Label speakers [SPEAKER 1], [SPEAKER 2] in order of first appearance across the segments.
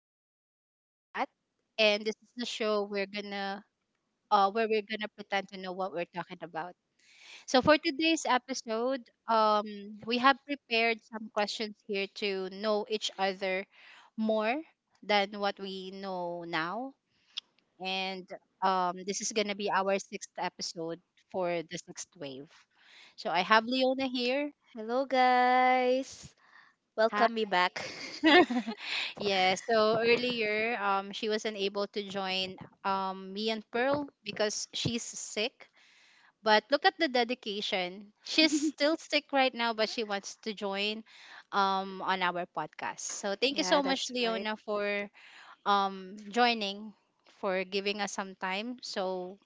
[SPEAKER 1] is Leona and Kat, and this is the show we're gonna pretend to know what we're talking about. So for today's episode, um, we have prepared some questions here to know each other more than what we know now, and this is gonna be our sixth episode for the sixth wave. So I have Leona here.
[SPEAKER 2] Hello, guys.
[SPEAKER 1] Hi.
[SPEAKER 2] Welcome me back.
[SPEAKER 1] Yeah, so earlier, she wasn't able to join me and Pearl because she's sick. But look at the dedication. She's still sick right now, but she wants to join on our podcast. So thank you
[SPEAKER 2] Yeah,
[SPEAKER 1] so much,
[SPEAKER 2] that's right.
[SPEAKER 1] Leona, for joining, for giving us some time so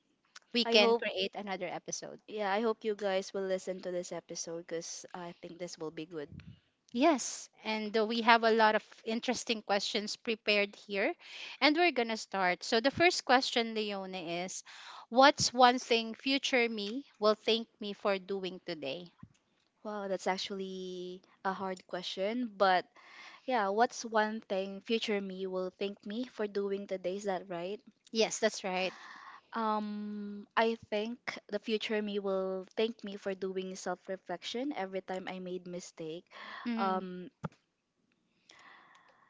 [SPEAKER 1] we
[SPEAKER 2] I
[SPEAKER 1] can
[SPEAKER 2] hope,
[SPEAKER 1] create another episode.
[SPEAKER 2] yeah, I hope you guys will listen to this episode because I think this will be good.
[SPEAKER 1] Yes, and we have a lot of interesting questions prepared here, and we're gonna start. So the first question, Leona, is, what's one thing future me will thank me for doing today?
[SPEAKER 2] Wow, that's actually a hard question, but yeah, what's one thing future me will thank me for doing today? Is that right?
[SPEAKER 1] Yes, that's right.
[SPEAKER 2] I think the future me will thank me for doing self reflection every time I made mistake.
[SPEAKER 1] Mm.
[SPEAKER 2] Um,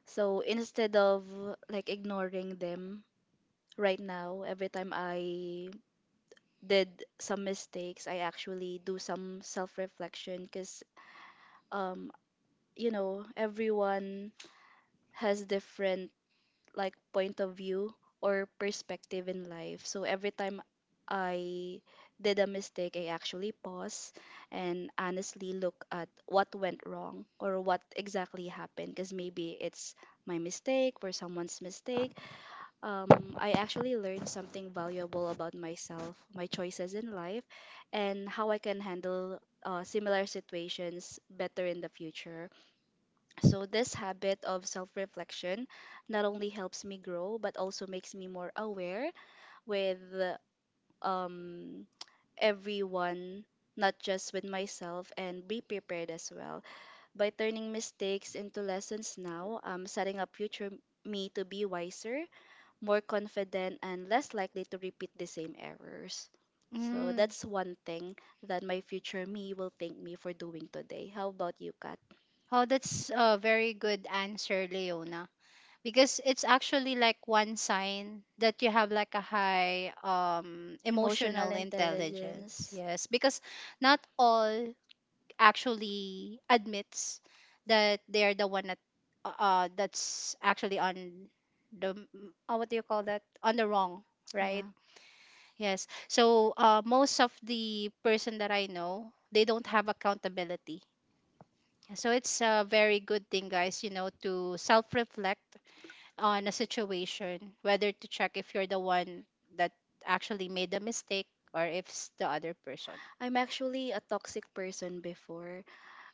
[SPEAKER 2] So instead of like ignoring them right now, every time I did some mistakes, I actually do some self reflection because, um, everyone has different like point of view or perspective in life. So every time I did a mistake, I actually pause and honestly look at what went wrong or what exactly happened because maybe it's my mistake or someone's mistake um, I actually learned something valuable about myself, my choices in life, and how I can handle similar situations better in the future. So, this habit of self reflection not only helps me grow, but also makes me more aware with um, everyone. Not just with myself and be prepared as well. By turning mistakes into lessons now, I'm setting up future me to be wiser, more confident, and less likely to repeat the same errors. So
[SPEAKER 1] Mm.
[SPEAKER 2] that's one thing that my future me will thank me for doing today. How about you, Kat?
[SPEAKER 1] Oh, that's a very good answer, Leona. Because it's actually like one sign that you have like a high
[SPEAKER 2] Emotional
[SPEAKER 1] emotional intelligence.
[SPEAKER 2] intelligence.
[SPEAKER 1] Yes, because not all actually admits that they're the one that that's actually on the m- what do you call that, on the wrong, right?
[SPEAKER 2] Yeah.
[SPEAKER 1] Yes, so most of the person that I know, they don't have accountability. So it's a very good thing, guys, you know, to self-reflect on a situation, whether to check if you're the one that actually made the mistake or if it's the other person.
[SPEAKER 2] I'm actually a toxic person before.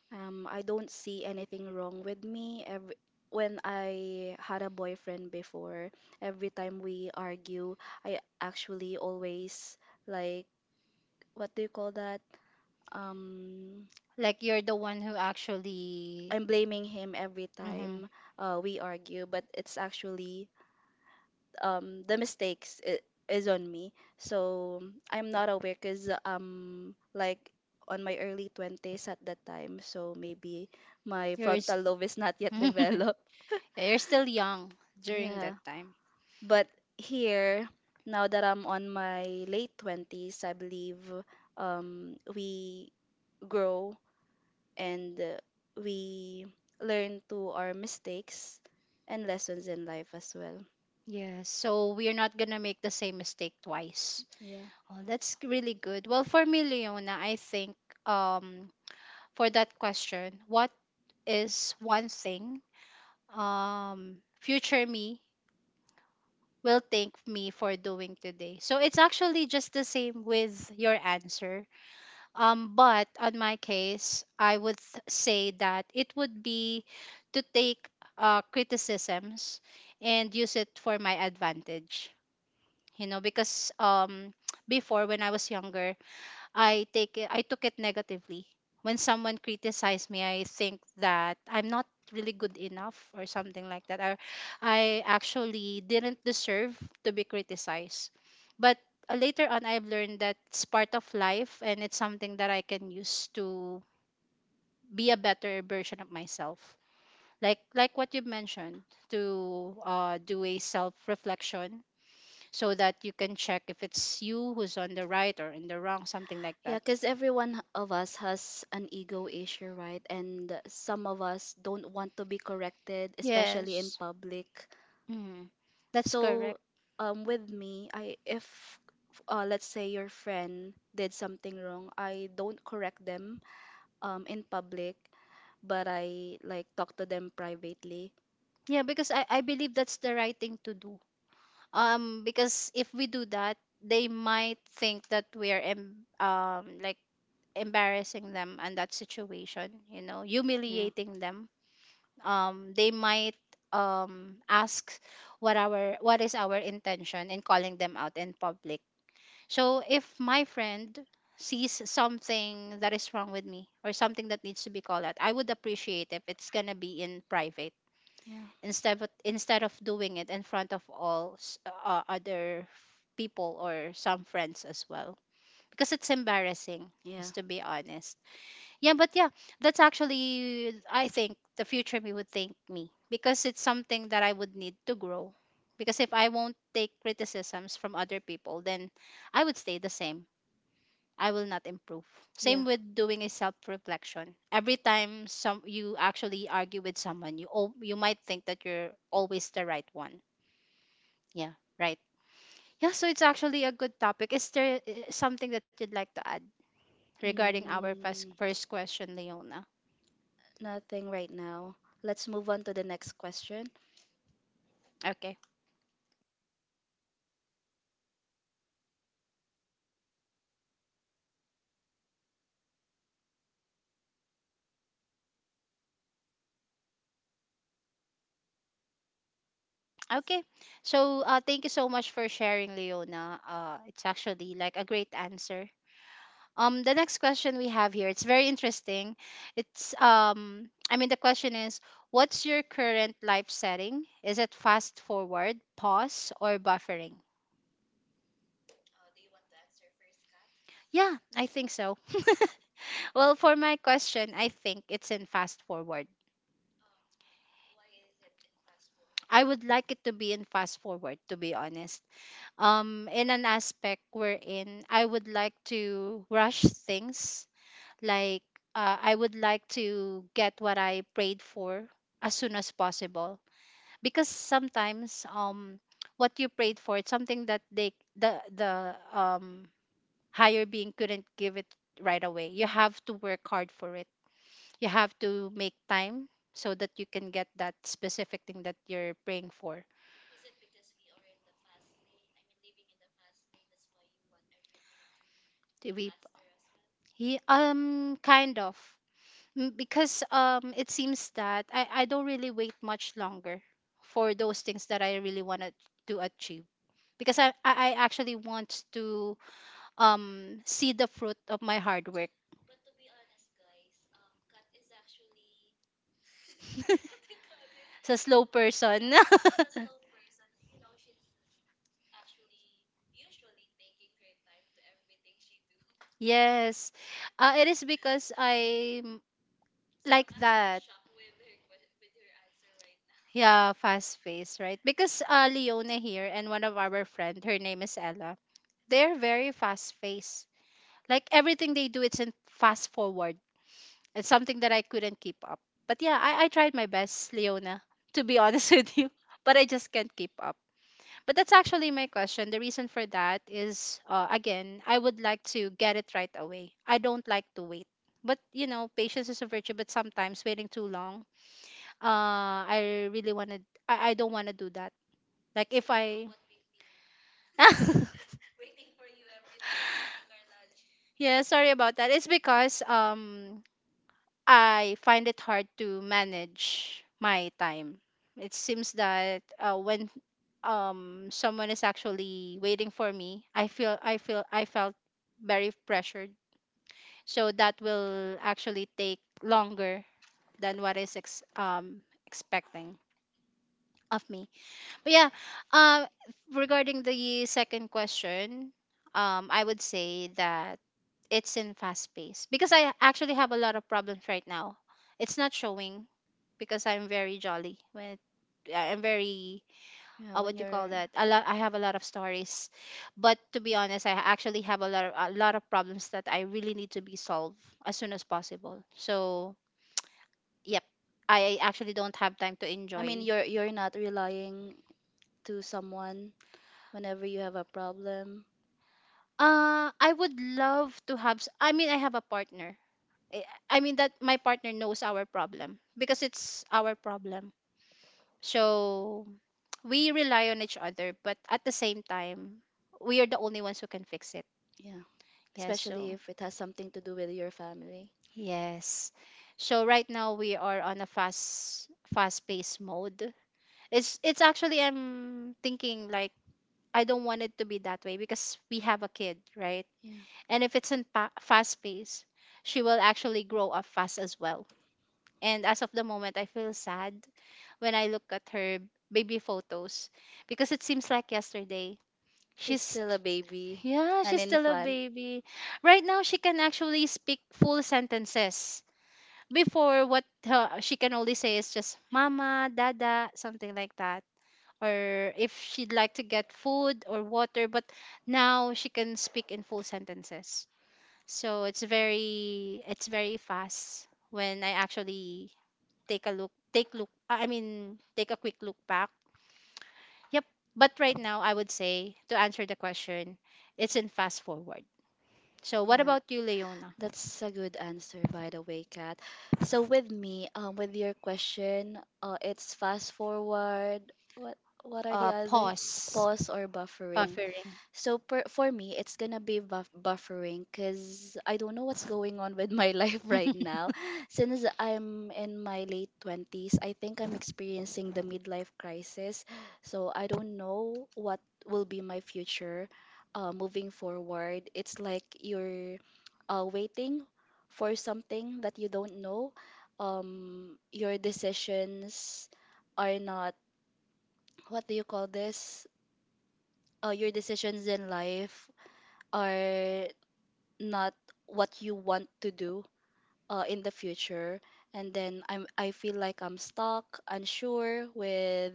[SPEAKER 2] I don't see anything wrong with me. When I had a boyfriend before, every time we argue, I actually always like, what do you call that? Um,
[SPEAKER 1] Like you're the one who actually,
[SPEAKER 2] I'm blaming him every
[SPEAKER 1] hmm,
[SPEAKER 2] time we argue, but it's actually the mistakes is on me. So I'm not aware because like on my early twenties at that time, so maybe my
[SPEAKER 1] you're s-
[SPEAKER 2] frontal lobe is not yet developed.
[SPEAKER 1] you're still young during that
[SPEAKER 2] Yeah,
[SPEAKER 1] time.
[SPEAKER 2] but here now that I'm on my late twenties, I believe we grow and we learn to our mistakes and lessons in life as well.
[SPEAKER 1] Yeah, so we're not gonna make the same mistake twice.
[SPEAKER 2] Yeah.
[SPEAKER 1] Oh, really good. Well, for me, Leona, I think um for that question, what is one thing future me will thank me for doing today? So it's actually just the same with your answer. But on my case, I would say that it would be to take criticisms and use it for my advantage. You know, because before when I was younger, I took it negatively. When someone criticized me, I think that I'm not really good enough or something like that. Or I actually didn't deserve to be criticized. But later on, I've learned that it's part of life and it's something that I can use to be a better version of myself. Like what you mentioned, to do a self reflection so that you can check if it's you who's on the right or in the wrong, something like
[SPEAKER 2] Yeah,
[SPEAKER 1] that.
[SPEAKER 2] because everyone of us has an ego issue, right? And some of us don't want to be corrected, especially in
[SPEAKER 1] Yes.
[SPEAKER 2] public.
[SPEAKER 1] Mm, that's
[SPEAKER 2] So,
[SPEAKER 1] correct.
[SPEAKER 2] with me, I if let's say your friend did something wrong, I don't correct them in public, but I like talk to them privately.
[SPEAKER 1] Yeah, because I believe that's the right thing to do. Because if we do that, they might think that we are like embarrassing them in that situation, you know,
[SPEAKER 2] Yeah,
[SPEAKER 1] humiliating them. They might ask what is our intention in calling them out in public. So if my friend sees something that is wrong with me or something that needs to be called out, I would appreciate if it's gonna be in private
[SPEAKER 2] yeah.
[SPEAKER 1] instead of doing it in front of other people or some friends as well, because it's embarrassing,
[SPEAKER 2] Yeah.
[SPEAKER 1] just to be honest. Yeah, but yeah, that's actually, I think, the future me would thank me because it's something that I would need to grow, because if I won't take criticisms from other people, then I would stay the same. I will not improve.
[SPEAKER 2] Yeah.
[SPEAKER 1] Same with doing a self-reflection. Every time some you actually argue with someone, you might think that you're always the right one. Yeah, right. Yeah, so it's actually a good topic. Is there something that you'd like to add regarding our
[SPEAKER 2] Mm,
[SPEAKER 1] first question, Leona?
[SPEAKER 2] Nothing right now. Let's move on to the next question.
[SPEAKER 1] Okay. Okay. So, thank you so much for sharing, Leona. It's actually like a great answer. The next question we have here, it's very interesting. It's I mean, the question is, what's your current life setting? Is it fast forward, pause, or buffering? Yeah, I think so. Well, for my question, I think it's in fast forward. I would like it to be in fast forward, to be honest. In an aspect wherein I would like to rush things. Like, I would like to get what I prayed for as soon as possible, because sometimes what you prayed for, it's something that the higher being couldn't give it right away. You have to work hard for it. You have to make time so that you can get that specific thing that you're praying for. To be he kind of, mm, because it seems that I don't really wait much longer for those things that I really want to achieve, because I actually want to see the fruit of my hard work. So slow person. Yes. It is because I like that. Yeah, fast paced, right? Because Leona here and one of our friend, her name is Ella. They're very fast paced. Like everything they do, it's in fast forward. It's something that I couldn't keep up. But yeah, I tried my best, Leona. To be honest with you, but I just can't keep up. But that's actually my question. The reason for that is, again, I would like to get it right away. I don't like to wait. But you know, patience is a virtue. But sometimes waiting too long, uh I really wanna I don't wanna do that. Like if I, yeah, sorry about that. It's because I find it hard to manage my time. It seems that when someone is actually waiting for me, I felt very pressured. So that will actually take longer than what is expecting of me. But yeah, um, regarding the second question, I would say that it's in fast pace because I actually have a lot of problems right now. It's not showing because I'm very jolly when I'm very,
[SPEAKER 2] Yeah, when
[SPEAKER 1] what you call
[SPEAKER 2] you're
[SPEAKER 1] that. A lot, I have a lot of stories, but to be honest, I actually have a lot of problems that I really need to be solved as soon as possible. So yep, I actually don't have time to
[SPEAKER 2] I mean
[SPEAKER 1] enjoy.
[SPEAKER 2] you're not relying to someone whenever you have a problem.
[SPEAKER 1] I would love to have. I mean, I have a partner. I I mean that my partner knows our problem because it's our problem. So we rely on each other, but at the same time, we are the only ones who can fix it.
[SPEAKER 2] Yeah.
[SPEAKER 1] Yes.
[SPEAKER 2] Especially
[SPEAKER 1] So
[SPEAKER 2] if it has something to do with your family.
[SPEAKER 1] yes. So right now we are on a fast pace mode. It's actually, I'm thinking like I don't want it to be that way because we have a kid, right?
[SPEAKER 2] Yeah.
[SPEAKER 1] And if it's in fast pace, she will actually grow up fast as well. And as of the moment, I feel sad when I look at her baby photos because it seems like yesterday.
[SPEAKER 2] She's
[SPEAKER 1] She's,
[SPEAKER 2] still a baby,
[SPEAKER 1] yeah,
[SPEAKER 2] an
[SPEAKER 1] she's still a
[SPEAKER 2] infant.
[SPEAKER 1] baby. Right now, she can actually speak full sentences. Before, what she can only say is just mama, dada, something like that. Or if she'd like to get food or water, but now she can speak in full sentences. So it's very fast when I actually take a look take look I mean take a quick look back. Yep. But right now I would say, to answer the question, it's in fast forward. So what
[SPEAKER 2] Yeah.
[SPEAKER 1] about you, Leona?
[SPEAKER 2] That's a good answer, by the way, Kat. So with me, with your question, it's fast forward. What what are the
[SPEAKER 1] Uh,
[SPEAKER 2] other
[SPEAKER 1] pause,
[SPEAKER 2] pause or buffering?
[SPEAKER 1] buffering.
[SPEAKER 2] So for me, it's gonna be buffering because I don't know what's going on with my life right now. Since I'm in my late twenties, I think I'm experiencing the midlife crisis. So I don't know what will be my future moving forward. It's like you're waiting for something that you don't know. Your decisions are not, what do you call this? Your decisions in life are not what you want to do in the future. And then I feel like I'm stuck, unsure with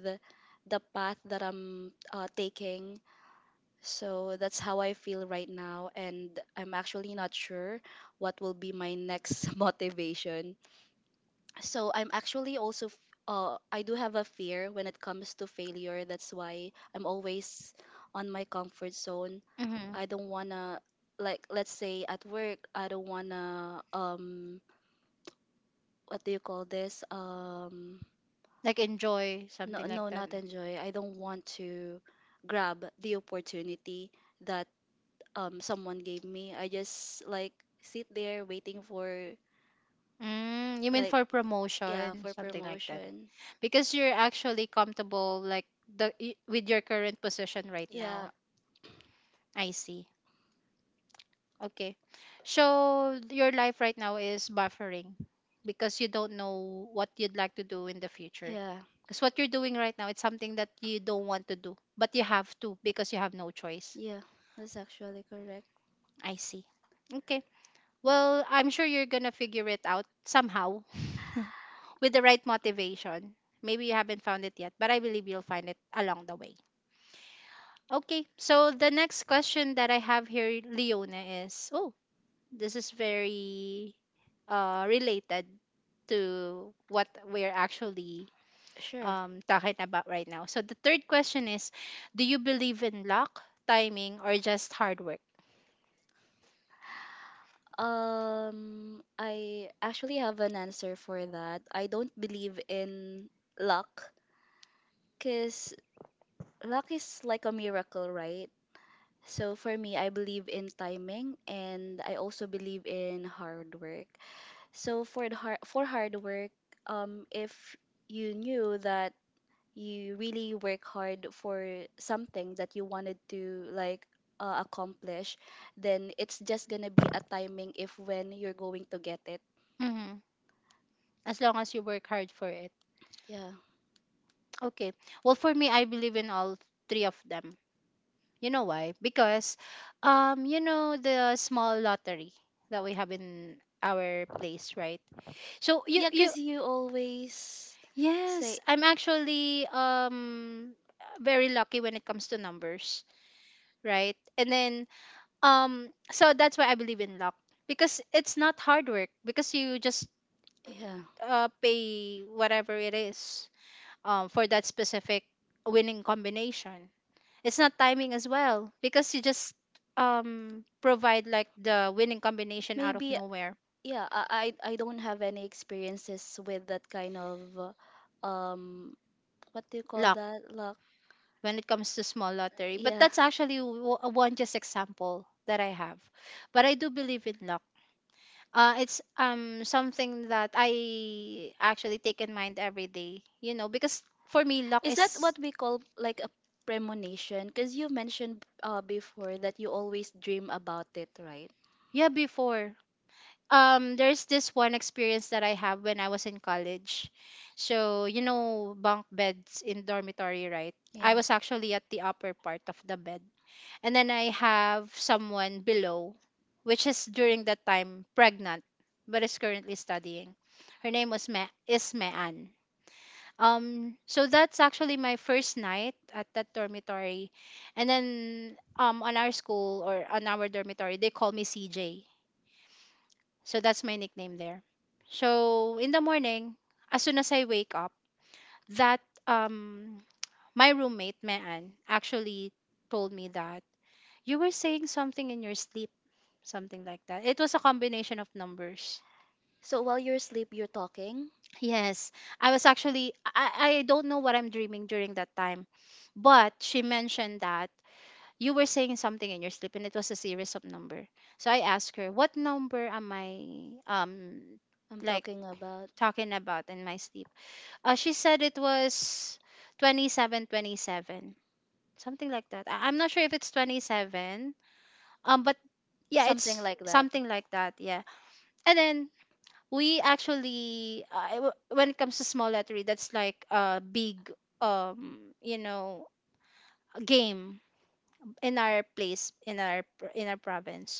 [SPEAKER 2] the path that I'm taking. So that's how I feel right now. And I'm actually not sure what will be my next motivation. So I'm actually also, I do have a fear when it comes to failure. That's why I'm always on my comfort zone.
[SPEAKER 1] hmm.
[SPEAKER 2] I don't wanna, like, let's say at work, I don't wanna, what do you call this?
[SPEAKER 1] Like enjoy
[SPEAKER 2] No,
[SPEAKER 1] something
[SPEAKER 2] no,
[SPEAKER 1] like that.
[SPEAKER 2] not enjoy. I don't want to grab the opportunity that someone gave me. I just like sit there waiting for
[SPEAKER 1] Mm, you mean
[SPEAKER 2] like,
[SPEAKER 1] for
[SPEAKER 2] yeah,
[SPEAKER 1] promotion,
[SPEAKER 2] for
[SPEAKER 1] something like that.
[SPEAKER 2] promotion.
[SPEAKER 1] Because you're actually comfortable like with your current position right
[SPEAKER 2] Yeah.
[SPEAKER 1] now. I see. Okay. So your life right now is buffering because you don't know what you'd like to do in the future,
[SPEAKER 2] Yeah.
[SPEAKER 1] because what you're doing right now, it's something that you don't want to do, but you have to because you have no choice.
[SPEAKER 2] Yeah. That's actually correct.
[SPEAKER 1] I see. Okay. Well, I'm sure you're gonna figure it out somehow with the right motivation. Maybe you haven't found it yet, but I believe you'll find it along the way. Okay, so the next question that I have here, Leona, is, oh, this is very related to what we're actually
[SPEAKER 2] Sure.
[SPEAKER 1] talking about right now. So the third question is, do you believe in luck, timing, or just hard work?
[SPEAKER 2] I actually have an answer for that. I don't believe in luck cuz luck is like a miracle, right? So for me, I believe in timing and I also believe in hard work. So for the hard for hard work, if you knew that you really work hard for something that you wanted to like accomplish, then it's just gonna be a timing if when you're going to get it.
[SPEAKER 1] Hmm. As long as you work hard for it.
[SPEAKER 2] Yeah.
[SPEAKER 1] Okay. Well, for me, I believe in all three of them. You know why? Because, you know, the small lottery that we have in our place, right? So
[SPEAKER 2] Yeah,
[SPEAKER 1] you,
[SPEAKER 2] cause you always
[SPEAKER 1] yes,
[SPEAKER 2] say
[SPEAKER 1] I'm actually very lucky when it comes to numbers, right? And then so that's why I believe in luck because it's not hard work because you just
[SPEAKER 2] yeah.
[SPEAKER 1] pay whatever it is for that specific winning combination. It's not timing as well because you just provide like the winning combination out of
[SPEAKER 2] Maybe
[SPEAKER 1] nowhere.
[SPEAKER 2] yeah. I don't have any experiences with that kind of uh, um what do you call
[SPEAKER 1] Luck.
[SPEAKER 2] that luck?
[SPEAKER 1] When it comes to small lottery. But
[SPEAKER 2] Yeah.
[SPEAKER 1] that's actually one just example that I have. But I do believe in luck. It's something that I actually take in mind every day. You know, because for me, luck
[SPEAKER 2] Is that
[SPEAKER 1] is
[SPEAKER 2] what we call like a premonition? Because you mentioned before that you always dream about it, right?
[SPEAKER 1] yeah before. There's this one experience that I have when I was in college. So you know, bunk beds in dormitory, right?
[SPEAKER 2] Yeah.
[SPEAKER 1] I was actually at the upper part of the bed. And then I have someone below, which is during that time pregnant, but is currently studying. Her name was is Mean. So that's actually my first night at that dormitory, and then on our school or on our dormitory they call me CJ. So that's my nickname there. So in the morning, as soon as I wake up, that my roommate Mean actually told me that you were saying something in your sleep something like that. It was a combination of numbers.
[SPEAKER 2] So while you're asleep, you're talking.
[SPEAKER 1] Yes, I don't know what I'm dreaming during that time, but she mentioned that you were saying something in your sleep and it was a series of number. So I asked her, "What number am I um
[SPEAKER 2] I'm
[SPEAKER 1] like
[SPEAKER 2] talking about
[SPEAKER 1] talking about in my sleep?" She said it was 27 27 something like that. I'm not sure if it's 27. Um, but yeah,
[SPEAKER 2] something
[SPEAKER 1] it's
[SPEAKER 2] like that.
[SPEAKER 1] something like that. Yeah. And then we actually when it comes to small lottery, that's like a big um you know game in our place, in our province,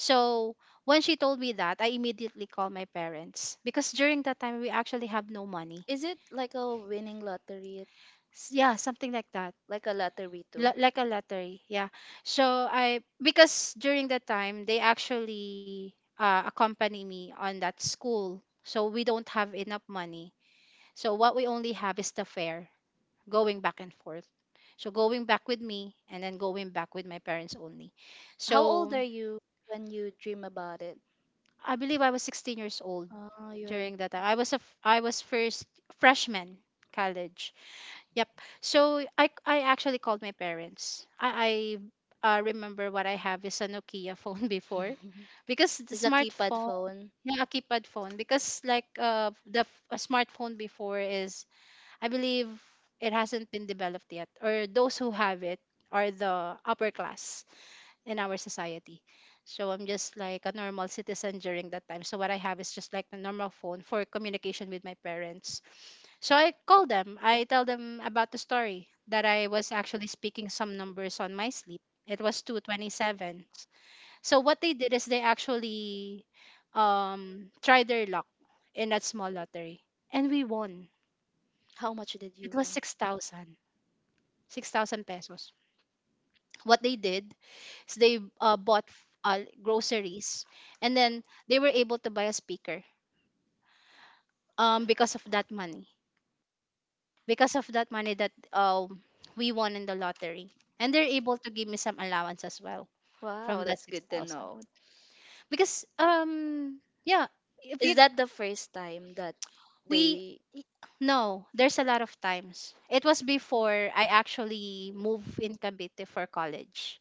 [SPEAKER 1] so when she told me that, I immediately called my parents because during that time we actually have no money.
[SPEAKER 2] Is it like a winning lottery?
[SPEAKER 1] S- yeah, something like that.
[SPEAKER 2] Like a lottery too?
[SPEAKER 1] L- like a lottery, yeah. So I, because during that time they actually accompany me on that school, so we don't have enough money, so what we only have is the fare going back and forth. So going back with me and then going back with my parents only.
[SPEAKER 2] How old
[SPEAKER 1] So
[SPEAKER 2] are you when you dream about it?
[SPEAKER 1] I believe I was 16 years old
[SPEAKER 2] Oh, you're.
[SPEAKER 1] during that time. I was a f- I was first freshman college. Yep. So I actually called my parents. I remember what I have is a Nokia phone before, because the
[SPEAKER 2] It's a keypad
[SPEAKER 1] smartphone,
[SPEAKER 2] phone.
[SPEAKER 1] yeah, a keypad phone because like a smartphone before is, I believe, it hasn't been developed yet, or those who have it are the upper class in our society. So I'm just like a normal citizen during that time. So what I have is just like the normal phone for communication with my parents. So I call them. I tell them about the story that I was actually speaking some numbers on my sleep. It was 227. So what they did is they actually tried their luck in that small lottery, and we won.
[SPEAKER 2] How much did
[SPEAKER 1] It
[SPEAKER 2] you
[SPEAKER 1] was
[SPEAKER 2] want?
[SPEAKER 1] 6,000. Six thousand pesos. What they did is they bought groceries, and then they were able to buy a speaker because of that money. Because of that money that we won in the lottery, and they're able to give me some allowance as well
[SPEAKER 2] Wow,
[SPEAKER 1] from that
[SPEAKER 2] that's
[SPEAKER 1] six
[SPEAKER 2] good to
[SPEAKER 1] thousand.
[SPEAKER 2] know.
[SPEAKER 1] Because yeah, if
[SPEAKER 2] Is
[SPEAKER 1] you
[SPEAKER 2] that the first time that
[SPEAKER 1] we
[SPEAKER 2] they
[SPEAKER 1] no, there's a lot of times. It was before I actually moved in Cavite for college.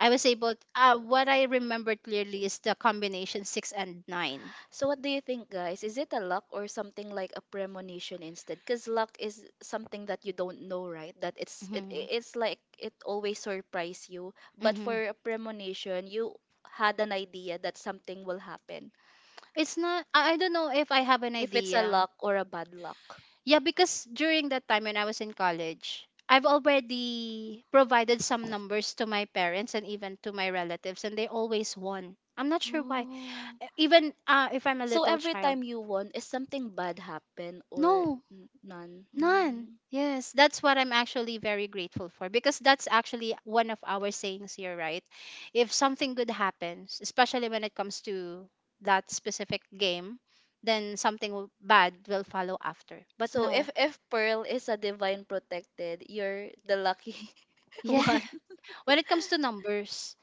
[SPEAKER 1] I was able. What I remember clearly is the combination six and nine.
[SPEAKER 2] So what do you think, guys? Is it a luck or something like a premonition instead? Because luck is something that you don't know, right? That it's it
[SPEAKER 1] Hmm.
[SPEAKER 2] it- it's like it always surprise you. But
[SPEAKER 1] Hmm.
[SPEAKER 2] for a premonition, you had an idea that something will happen.
[SPEAKER 1] It's not. I don't know if I have an
[SPEAKER 2] If it's a
[SPEAKER 1] idea.
[SPEAKER 2] luck or a bad luck.
[SPEAKER 1] Yeah, because during that time when I was in college, I've already provided some numbers to my parents and even to my relatives, and they always won. I'm not sure why.
[SPEAKER 2] Oh.
[SPEAKER 1] Even if I'm a
[SPEAKER 2] So
[SPEAKER 1] little
[SPEAKER 2] every
[SPEAKER 1] child.
[SPEAKER 2] time you won, is something bad happen or
[SPEAKER 1] No,
[SPEAKER 2] none?
[SPEAKER 1] none.
[SPEAKER 2] Mm.
[SPEAKER 1] Yes, that's what I'm actually very grateful for because that's actually one of our sayings here, right? If something good happens, especially when it comes to that specific game, then something bad will follow after. But
[SPEAKER 2] So if
[SPEAKER 1] no.
[SPEAKER 2] if Pearl is a divine protected, you're the lucky
[SPEAKER 1] Yeah.
[SPEAKER 2] one.
[SPEAKER 1] When it comes to numbers,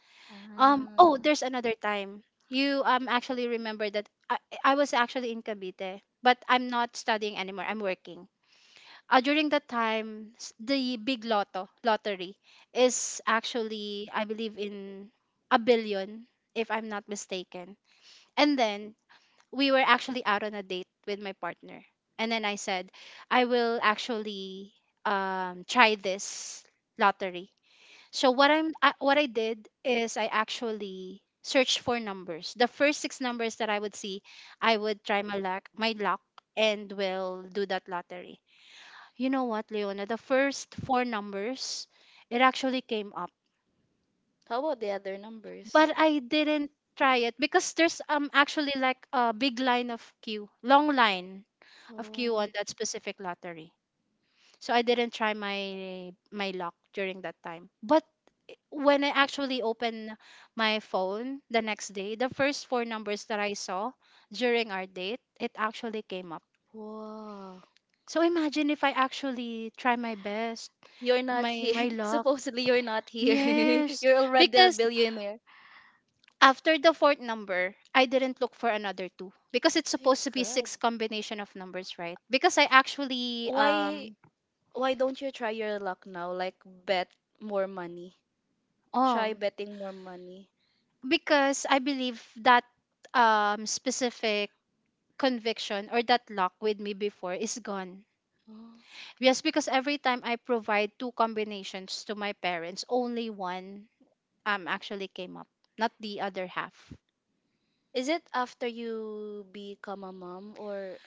[SPEAKER 1] oh,
[SPEAKER 2] Ah.
[SPEAKER 1] there's another time. You actually remember that I was actually in Cavite, but I'm not studying anymore. I'm working. During that time, the big lotto lottery is actually, I believe, in a billion, if I'm not mistaken. And then we were actually out on a date with my partner, and then I said, I will actually try this lottery, so what I did is I actually searched for numbers. The first six numbers that I would see, I would try my luck, and will do that lottery. You know what, Leona? The first four numbers, it actually came up,
[SPEAKER 2] How about the other numbers?
[SPEAKER 1] but I didn't try it because there's actually like a big line of queue, long line of
[SPEAKER 2] Oh.
[SPEAKER 1] queue on that specific lottery. So I didn't try my luck during that time. But when I actually opened my phone the next day, the first four numbers that I saw during our date, it actually came up.
[SPEAKER 2] Wow.
[SPEAKER 1] So imagine if I actually try my best,
[SPEAKER 2] You're not here.
[SPEAKER 1] my luck.
[SPEAKER 2] Supposedly you're not here.
[SPEAKER 1] Yes,
[SPEAKER 2] You're already a
[SPEAKER 1] because
[SPEAKER 2] billionaire.
[SPEAKER 1] after the fourth number, I didn't look for another two because it's
[SPEAKER 2] My
[SPEAKER 1] supposed to be
[SPEAKER 2] God.
[SPEAKER 1] six combination of numbers, right? Because I actually
[SPEAKER 2] Why why don't you try your luck now? Like bet more money. Try
[SPEAKER 1] um
[SPEAKER 2] betting more money.
[SPEAKER 1] because I believe that specific conviction or that lock with me before is gone.
[SPEAKER 2] Oh.
[SPEAKER 1] Yes, because every time I provide two combinations to my parents, only one actually came up, not the other half.
[SPEAKER 2] Is it after you become a mom or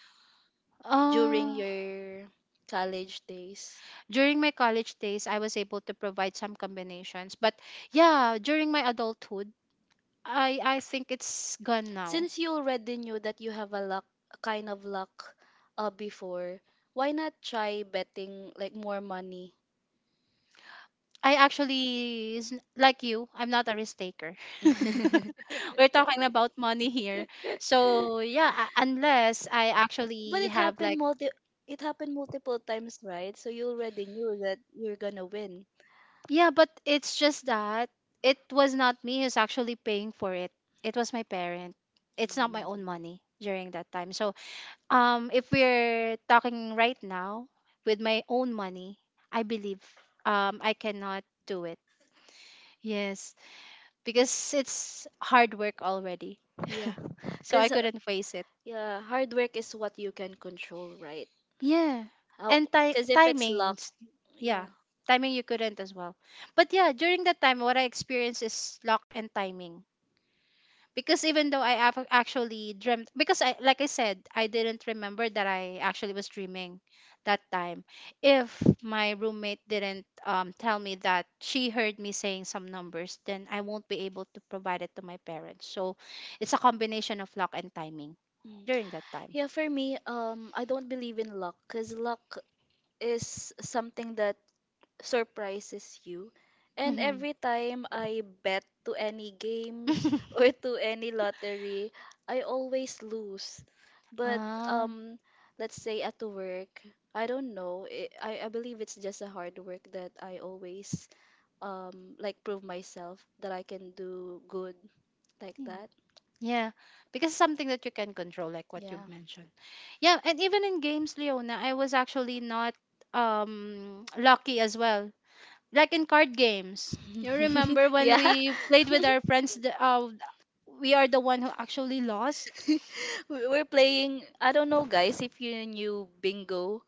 [SPEAKER 2] during
[SPEAKER 1] Uh,
[SPEAKER 2] your college days?
[SPEAKER 1] during my college days, I was able to provide some combinations, but yeah, during my adulthood, I think it's gone now.
[SPEAKER 2] Since you already knew that you have a kind of luck before, why not try betting like more money?
[SPEAKER 1] I actually is like you. I'm not a risk taker. We're talking about money here. So yeah, unless I
[SPEAKER 2] But
[SPEAKER 1] actually have like
[SPEAKER 2] it happened multiple times, right? So you already knew that you're gonna win.
[SPEAKER 1] yeah, but it's just that it was not me who's actually paying for it. It was my parent. It's not my own
[SPEAKER 2] Mm.
[SPEAKER 1] money during that time. So if we're talking right now with my own money, I believe I cannot do it. Yes, because it's hard work already,
[SPEAKER 2] Yeah.
[SPEAKER 1] so I
[SPEAKER 2] Because
[SPEAKER 1] couldn't face it.
[SPEAKER 2] yeah, hard work is what you can control, right?
[SPEAKER 1] Yeah.
[SPEAKER 2] How?
[SPEAKER 1] And
[SPEAKER 2] Because if it's luck,
[SPEAKER 1] timings. Yeah.
[SPEAKER 2] yeah.
[SPEAKER 1] Timing you couldn't as well. But yeah, during that time what I experienced is luck and timing. Because even though I have actually dreamt, because I like I said I didn't remember that I actually was dreaming that time, if my roommate didn't tell me that she heard me saying some numbers, then I won't be able to provide it to my parents. So it's a combination of luck and timing
[SPEAKER 2] Mm.
[SPEAKER 1] during that time.
[SPEAKER 2] Yeah, for me, I don't believe in luck because luck is something that surprises you. And
[SPEAKER 1] Hmm.
[SPEAKER 2] every time I bet to any games or to any lottery, I always lose. But
[SPEAKER 1] Ah.
[SPEAKER 2] um, let's say at work, I don't know. It, I believe it's just a hard work that I always like prove myself that I can do good like
[SPEAKER 1] Hmm.
[SPEAKER 2] that.
[SPEAKER 1] Yeah, because something that you can control, like what you
[SPEAKER 2] Yeah.
[SPEAKER 1] mentioned. Yeah, and even in games, Leona, I was actually not lucky as well. Like in card games, you remember when
[SPEAKER 2] Yeah.
[SPEAKER 1] we played with our friends? We are the one who actually lost.
[SPEAKER 2] We're playing, I don't know guys if you knew bingo.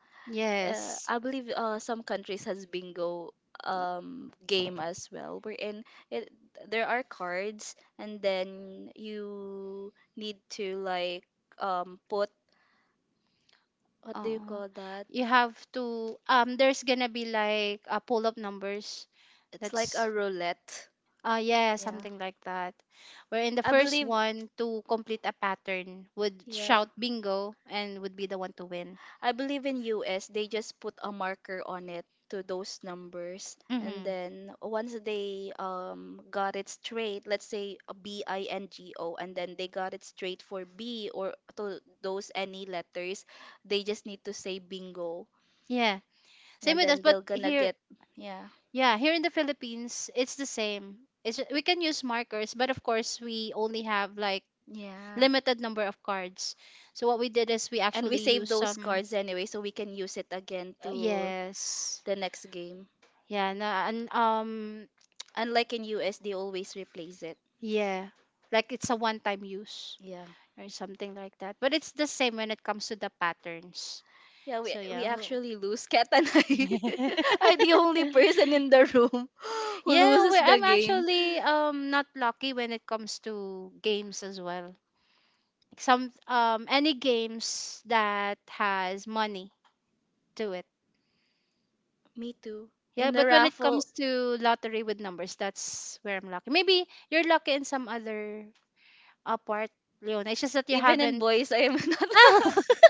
[SPEAKER 1] Yes.
[SPEAKER 2] I believe some countries has bingo game as well wherein it there are cards and then you need to like put what do you
[SPEAKER 1] Uh,
[SPEAKER 2] call that?
[SPEAKER 1] you have to there's gonna be like a pull up numbers,
[SPEAKER 2] It's like
[SPEAKER 1] that's
[SPEAKER 2] a roulette.
[SPEAKER 1] yeah,
[SPEAKER 2] Yeah.
[SPEAKER 1] something like that, where in the
[SPEAKER 2] I
[SPEAKER 1] first
[SPEAKER 2] believe
[SPEAKER 1] one to complete a pattern would
[SPEAKER 2] Yeah.
[SPEAKER 1] shout bingo and would be the one to win.
[SPEAKER 2] I believe in US, they just put a marker on it to those numbers. And
[SPEAKER 1] Mm-hmm.
[SPEAKER 2] then once they got it straight, let's say a BINGO, and then they got it straight for B or to those any letters, they just need to say bingo.
[SPEAKER 1] Yeah, same
[SPEAKER 2] And
[SPEAKER 1] with us,
[SPEAKER 2] then
[SPEAKER 1] but
[SPEAKER 2] they're gonna
[SPEAKER 1] here,
[SPEAKER 2] get, yeah,
[SPEAKER 1] yeah, here in the Philippines it's the same. It's we can use markers, but of course we only have like
[SPEAKER 2] yeah.
[SPEAKER 1] limited number of cards. So what we did is we
[SPEAKER 2] And we
[SPEAKER 1] actually
[SPEAKER 2] save
[SPEAKER 1] used
[SPEAKER 2] those
[SPEAKER 1] some,
[SPEAKER 2] cards anyway, so we can use it again to
[SPEAKER 1] yes.
[SPEAKER 2] the next game.
[SPEAKER 1] Yeah, and um,
[SPEAKER 2] Unlike in US, they always replace it.
[SPEAKER 1] yeah, like it's a one time use
[SPEAKER 2] Yeah.
[SPEAKER 1] or something like that. But it's the same when it comes to the patterns.
[SPEAKER 2] Yeah, we
[SPEAKER 1] So
[SPEAKER 2] we
[SPEAKER 1] yeah.
[SPEAKER 2] actually lose. Kat and I are the only person in the room who
[SPEAKER 1] Yeah,
[SPEAKER 2] loses
[SPEAKER 1] we,
[SPEAKER 2] the
[SPEAKER 1] I'm
[SPEAKER 2] game.
[SPEAKER 1] actually not lucky when it comes to games as well. Some any games that has money do it.
[SPEAKER 2] Me too.
[SPEAKER 1] Yeah,
[SPEAKER 2] In the
[SPEAKER 1] but when it comes
[SPEAKER 2] raffle,
[SPEAKER 1] to lottery with numbers, that's where I'm lucky. Maybe you're lucky in some other part, Leona. It's just that you
[SPEAKER 2] even in
[SPEAKER 1] haven't
[SPEAKER 2] boys, I am not.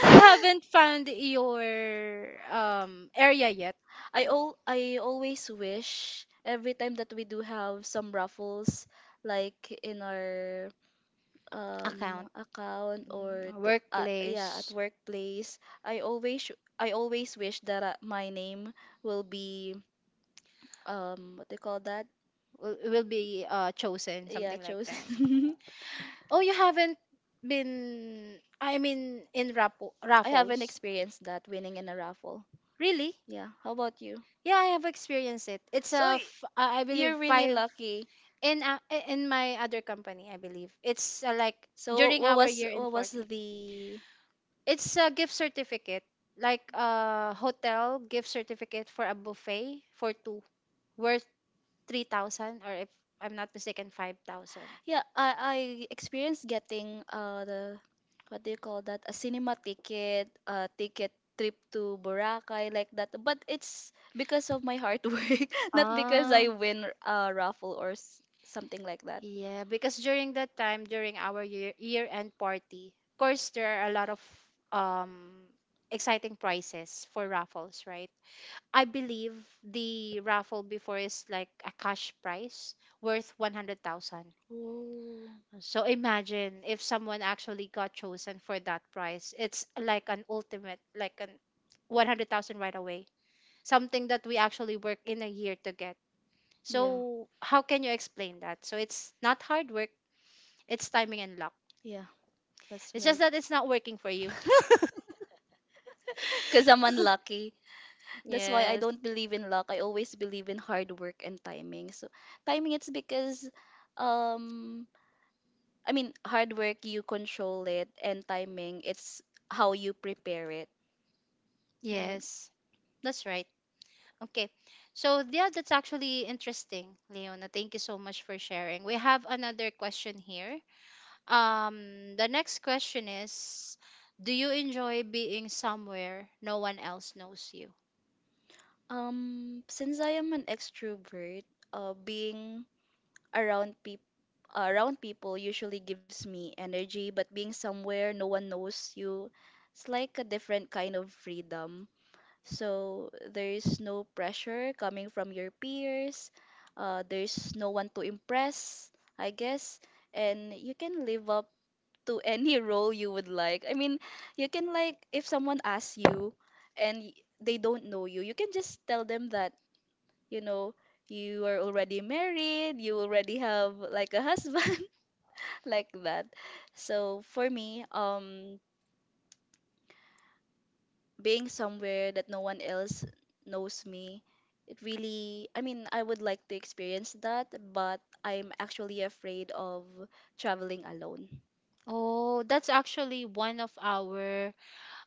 [SPEAKER 1] haven't found your area yet.
[SPEAKER 2] I always wish every time that we do have some raffles, like in our
[SPEAKER 1] Account,
[SPEAKER 2] account
[SPEAKER 1] mm,
[SPEAKER 2] or to yeah at
[SPEAKER 1] workplace
[SPEAKER 2] workplace. I always i always wish that my name will be, what they call that,
[SPEAKER 1] will be chosen,
[SPEAKER 2] yeah,
[SPEAKER 1] something like that.
[SPEAKER 2] chosen.
[SPEAKER 1] Oh, you haven't been. I mean, in raffle,
[SPEAKER 2] I haven't
[SPEAKER 1] raffles.
[SPEAKER 2] experienced that winning in a raffle.
[SPEAKER 1] Really?
[SPEAKER 2] Yeah, how about you?
[SPEAKER 1] Yeah, I have experienced it. It's
[SPEAKER 2] So
[SPEAKER 1] a, I
[SPEAKER 2] you're
[SPEAKER 1] believe
[SPEAKER 2] really
[SPEAKER 1] five
[SPEAKER 2] lucky.
[SPEAKER 1] in uh, in my other company. I believe it's like
[SPEAKER 2] So
[SPEAKER 1] during
[SPEAKER 2] what
[SPEAKER 1] our
[SPEAKER 2] was
[SPEAKER 1] year in
[SPEAKER 2] what was
[SPEAKER 1] party.
[SPEAKER 2] the
[SPEAKER 1] It's a gift certificate, like a hotel gift certificate for a buffet for two worth 3,000, or if I'm not mistaken, 5,000.
[SPEAKER 2] Yeah, I experienced getting the, what do you call that? A cinema ticket, a ticket trip to Boracay like that. But it's because of my hard work, not because
[SPEAKER 1] Ah.
[SPEAKER 2] I win a raffle or something like that.
[SPEAKER 1] Yeah, because during that time, during our year end party, of course there are a lot of um exciting prizes for raffles, right? I believe the raffle before is like a cash prize worth 100,000.
[SPEAKER 2] Oh,
[SPEAKER 1] So imagine if someone actually got chosen for that prize, it's like an ultimate, like an 100,000 right away. Something that we actually work in a year to get.
[SPEAKER 2] yeah.
[SPEAKER 1] So how can you explain that? So it's not hard work, it's timing and luck.
[SPEAKER 2] Yeah, that's
[SPEAKER 1] It's
[SPEAKER 2] right.
[SPEAKER 1] just that it's not working for you.
[SPEAKER 2] Because I'm unlucky. That's why I
[SPEAKER 1] Yes.
[SPEAKER 2] don't believe in luck. I always believe in hard work and timing. So timing it's because um I mean hard work you control it and timing it's how you prepare it, right?
[SPEAKER 1] Yes, that's right. Okay. So, yeah, that's actually interesting, Leona. Thank you so much for sharing. We have another question here. The next question is, do you enjoy being somewhere no one else knows you?
[SPEAKER 2] Since I am an extrovert, being around people around people usually gives me energy, but being somewhere no one knows you, it's like a different kind of freedom. So there's no pressure coming from your peers. There's no one to impress, I guess. And you can live up to any role you would like. I mean, you can, like, if someone asks you and they don't know you, you can just tell them that, you know, you are already married, you already have, like, a husband, like that. So for me, being somewhere that no one else knows me, it really I mean I would like to experience that, but I'm actually afraid of traveling alone
[SPEAKER 1] Oh, that's actually one of our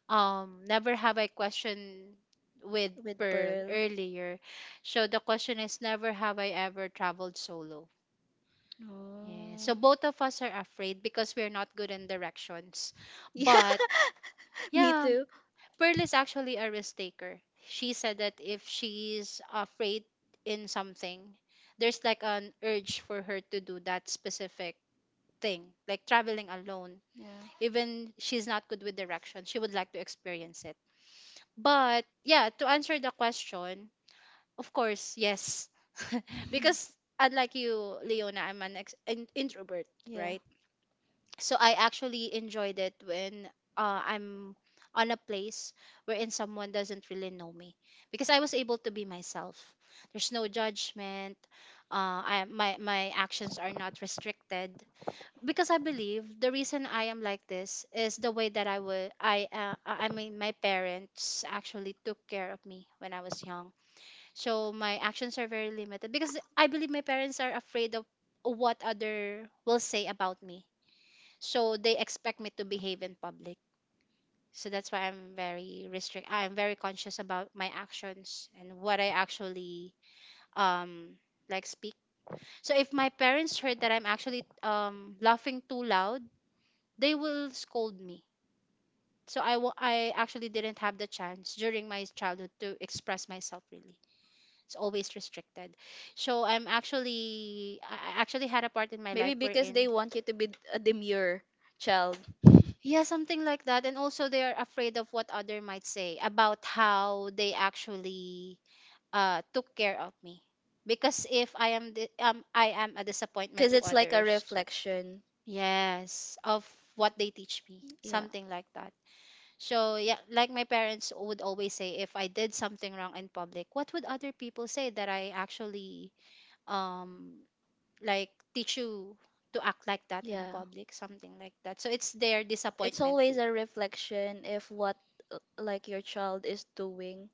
[SPEAKER 1] never have I question with
[SPEAKER 2] with
[SPEAKER 1] Pearl
[SPEAKER 2] Pearl.
[SPEAKER 1] earlier. So the question is, never have I ever traveled solo. Yeah.
[SPEAKER 2] Oh.
[SPEAKER 1] So both of us are afraid because we're not good in directions.
[SPEAKER 2] Yeah,
[SPEAKER 1] But
[SPEAKER 2] me
[SPEAKER 1] yeah,
[SPEAKER 2] too.
[SPEAKER 1] Pearl is actually a risk taker. She said that if she's afraid in something, there's like an urge for her to do that specific thing, like traveling alone.
[SPEAKER 2] Yeah,
[SPEAKER 1] Even she's not good with direction, she would like to experience it. But yeah, to answer the question, of course, yes. Because unlike you, Leona, I'm an introvert,
[SPEAKER 2] yeah.
[SPEAKER 1] right? So I actually enjoyed it when I'm on a place wherein someone doesn't really know me because I was able to be myself. There's no judgment. My actions are not restricted because I believe the reason I am like this is the way that I would I mean my parents actually took care of me when I was young. So my actions are very limited because I believe my parents are afraid of what other will say about me, so they expect me to behave in public. So that's why I'm very conscious about my actions and what I actually um like speak. So if my parents heard that I'm actually laughing too loud, they will scold me. So I actually didn't have the chance during my childhood to express myself really. It's always restricted. So I actually had a part in my
[SPEAKER 2] Maybe
[SPEAKER 1] life
[SPEAKER 2] because
[SPEAKER 1] wherein,
[SPEAKER 2] they want you to be a demure child.
[SPEAKER 1] yeah, something like that. And also they are afraid of what other might say about how they actually took care of me. Because if I am a disappointment
[SPEAKER 2] Because
[SPEAKER 1] to
[SPEAKER 2] it's like a
[SPEAKER 1] others.
[SPEAKER 2] reflection.
[SPEAKER 1] Yes, of what they teach me,
[SPEAKER 2] Yeah.
[SPEAKER 1] something like that. So yeah, like my parents would always say if I did something wrong in public, what would other people say that I actually um like teach you to act like that in
[SPEAKER 2] Yeah.
[SPEAKER 1] public, something like that. So it's their
[SPEAKER 2] It's
[SPEAKER 1] disappointment
[SPEAKER 2] always
[SPEAKER 1] too.
[SPEAKER 2] a reflection if what like your child is doing.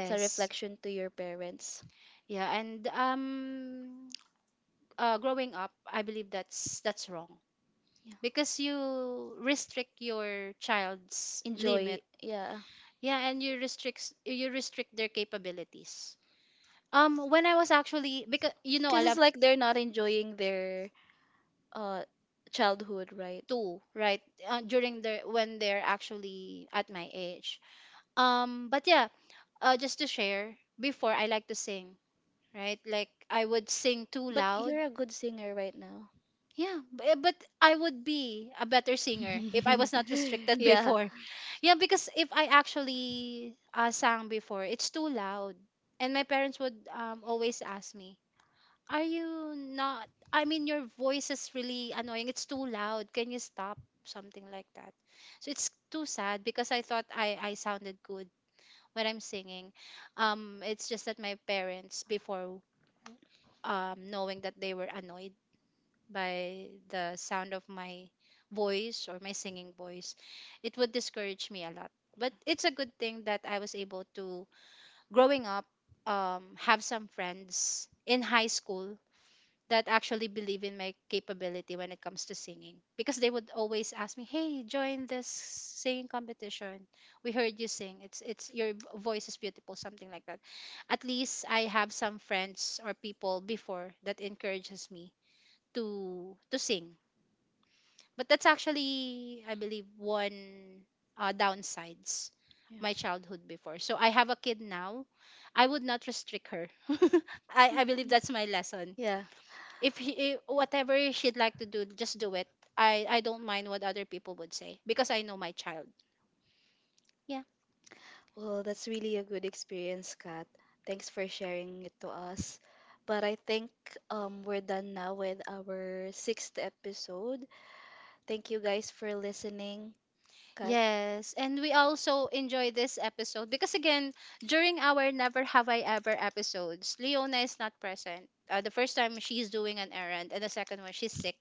[SPEAKER 2] It's a reflection to your parents.
[SPEAKER 1] Yeah, and growing up I believe that's wrong
[SPEAKER 2] Yeah.
[SPEAKER 1] because you restrict your child's limit.
[SPEAKER 2] Enjoy. Yeah.
[SPEAKER 1] Yeah, and you restrict, their capabilities. Um, when I was actually, because you know I
[SPEAKER 2] Because it's
[SPEAKER 1] love
[SPEAKER 2] like they're not enjoying their uh childhood, right?
[SPEAKER 1] two, right? Uh, during the when they're actually at my age. Um, but yeah, just to share, before I like to sing, right, like I would sing too
[SPEAKER 2] But
[SPEAKER 1] loud.
[SPEAKER 2] you're a good singer right now.
[SPEAKER 1] Yeah, but I would be a better singer if I was not restricted
[SPEAKER 2] Yeah.
[SPEAKER 1] before. Yeah, because if I actually sang before, it's too loud, and my parents would always ask me, are you not? I mean, your voice is really annoying. It's too loud. Can you stop? Something like that. So it's too sad because I thought I sounded good when I'm singing. It's just that my parents, before, knowing that they were annoyed by the sound of my voice or my singing voice, it would discourage me a lot. But it's a good thing that I was able to, growing up, have some friends in high school that actually believe in my capability when it comes to singing, because they would always ask me, hey, join this singing competition, we heard you sing, it's your voice is beautiful, something like that. At least I have some friends or people before that encourages me to sing. But that's actually I believe one downsides
[SPEAKER 2] Yeah.
[SPEAKER 1] my childhood before. So I have a kid now, I would not restrict her. I believe that's my lesson.
[SPEAKER 2] Yeah.
[SPEAKER 1] If he, if whatever she'd like to do, just do it. I don't mind what other people would say because I know my child. Yeah.
[SPEAKER 2] Well, that's really a good experience, Kat. Thanks for sharing it to us. But I think we're done now with our sixth episode. Thank you guys for listening, Kat.
[SPEAKER 1] Yes, and we also enjoy this episode because again during our never have I ever episodes, Leona is not present. The first time she's doing an errand and the second one she's sick.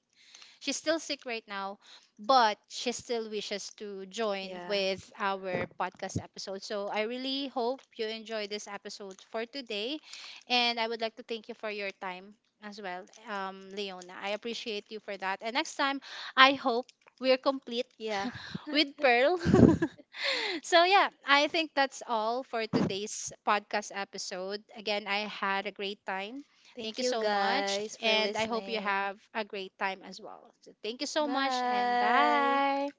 [SPEAKER 1] She's still sick right now, but she still wishes to join
[SPEAKER 2] Yeah.
[SPEAKER 1] with our podcast episode. So I really hope you enjoy this episode for today. And I would like to thank you for your time as well, Leona. I appreciate you for that. And next time, I hope we're complete
[SPEAKER 2] Yeah.
[SPEAKER 1] with Pearl. So yeah, I think that's all for today's podcast episode. Again, I had a great time. Thank
[SPEAKER 2] Thank
[SPEAKER 1] you
[SPEAKER 2] you
[SPEAKER 1] so much,
[SPEAKER 2] guys for
[SPEAKER 1] and I hope you
[SPEAKER 2] listening.
[SPEAKER 1] have a great time as well. So thank you so much, and
[SPEAKER 2] Bye.
[SPEAKER 1] bye.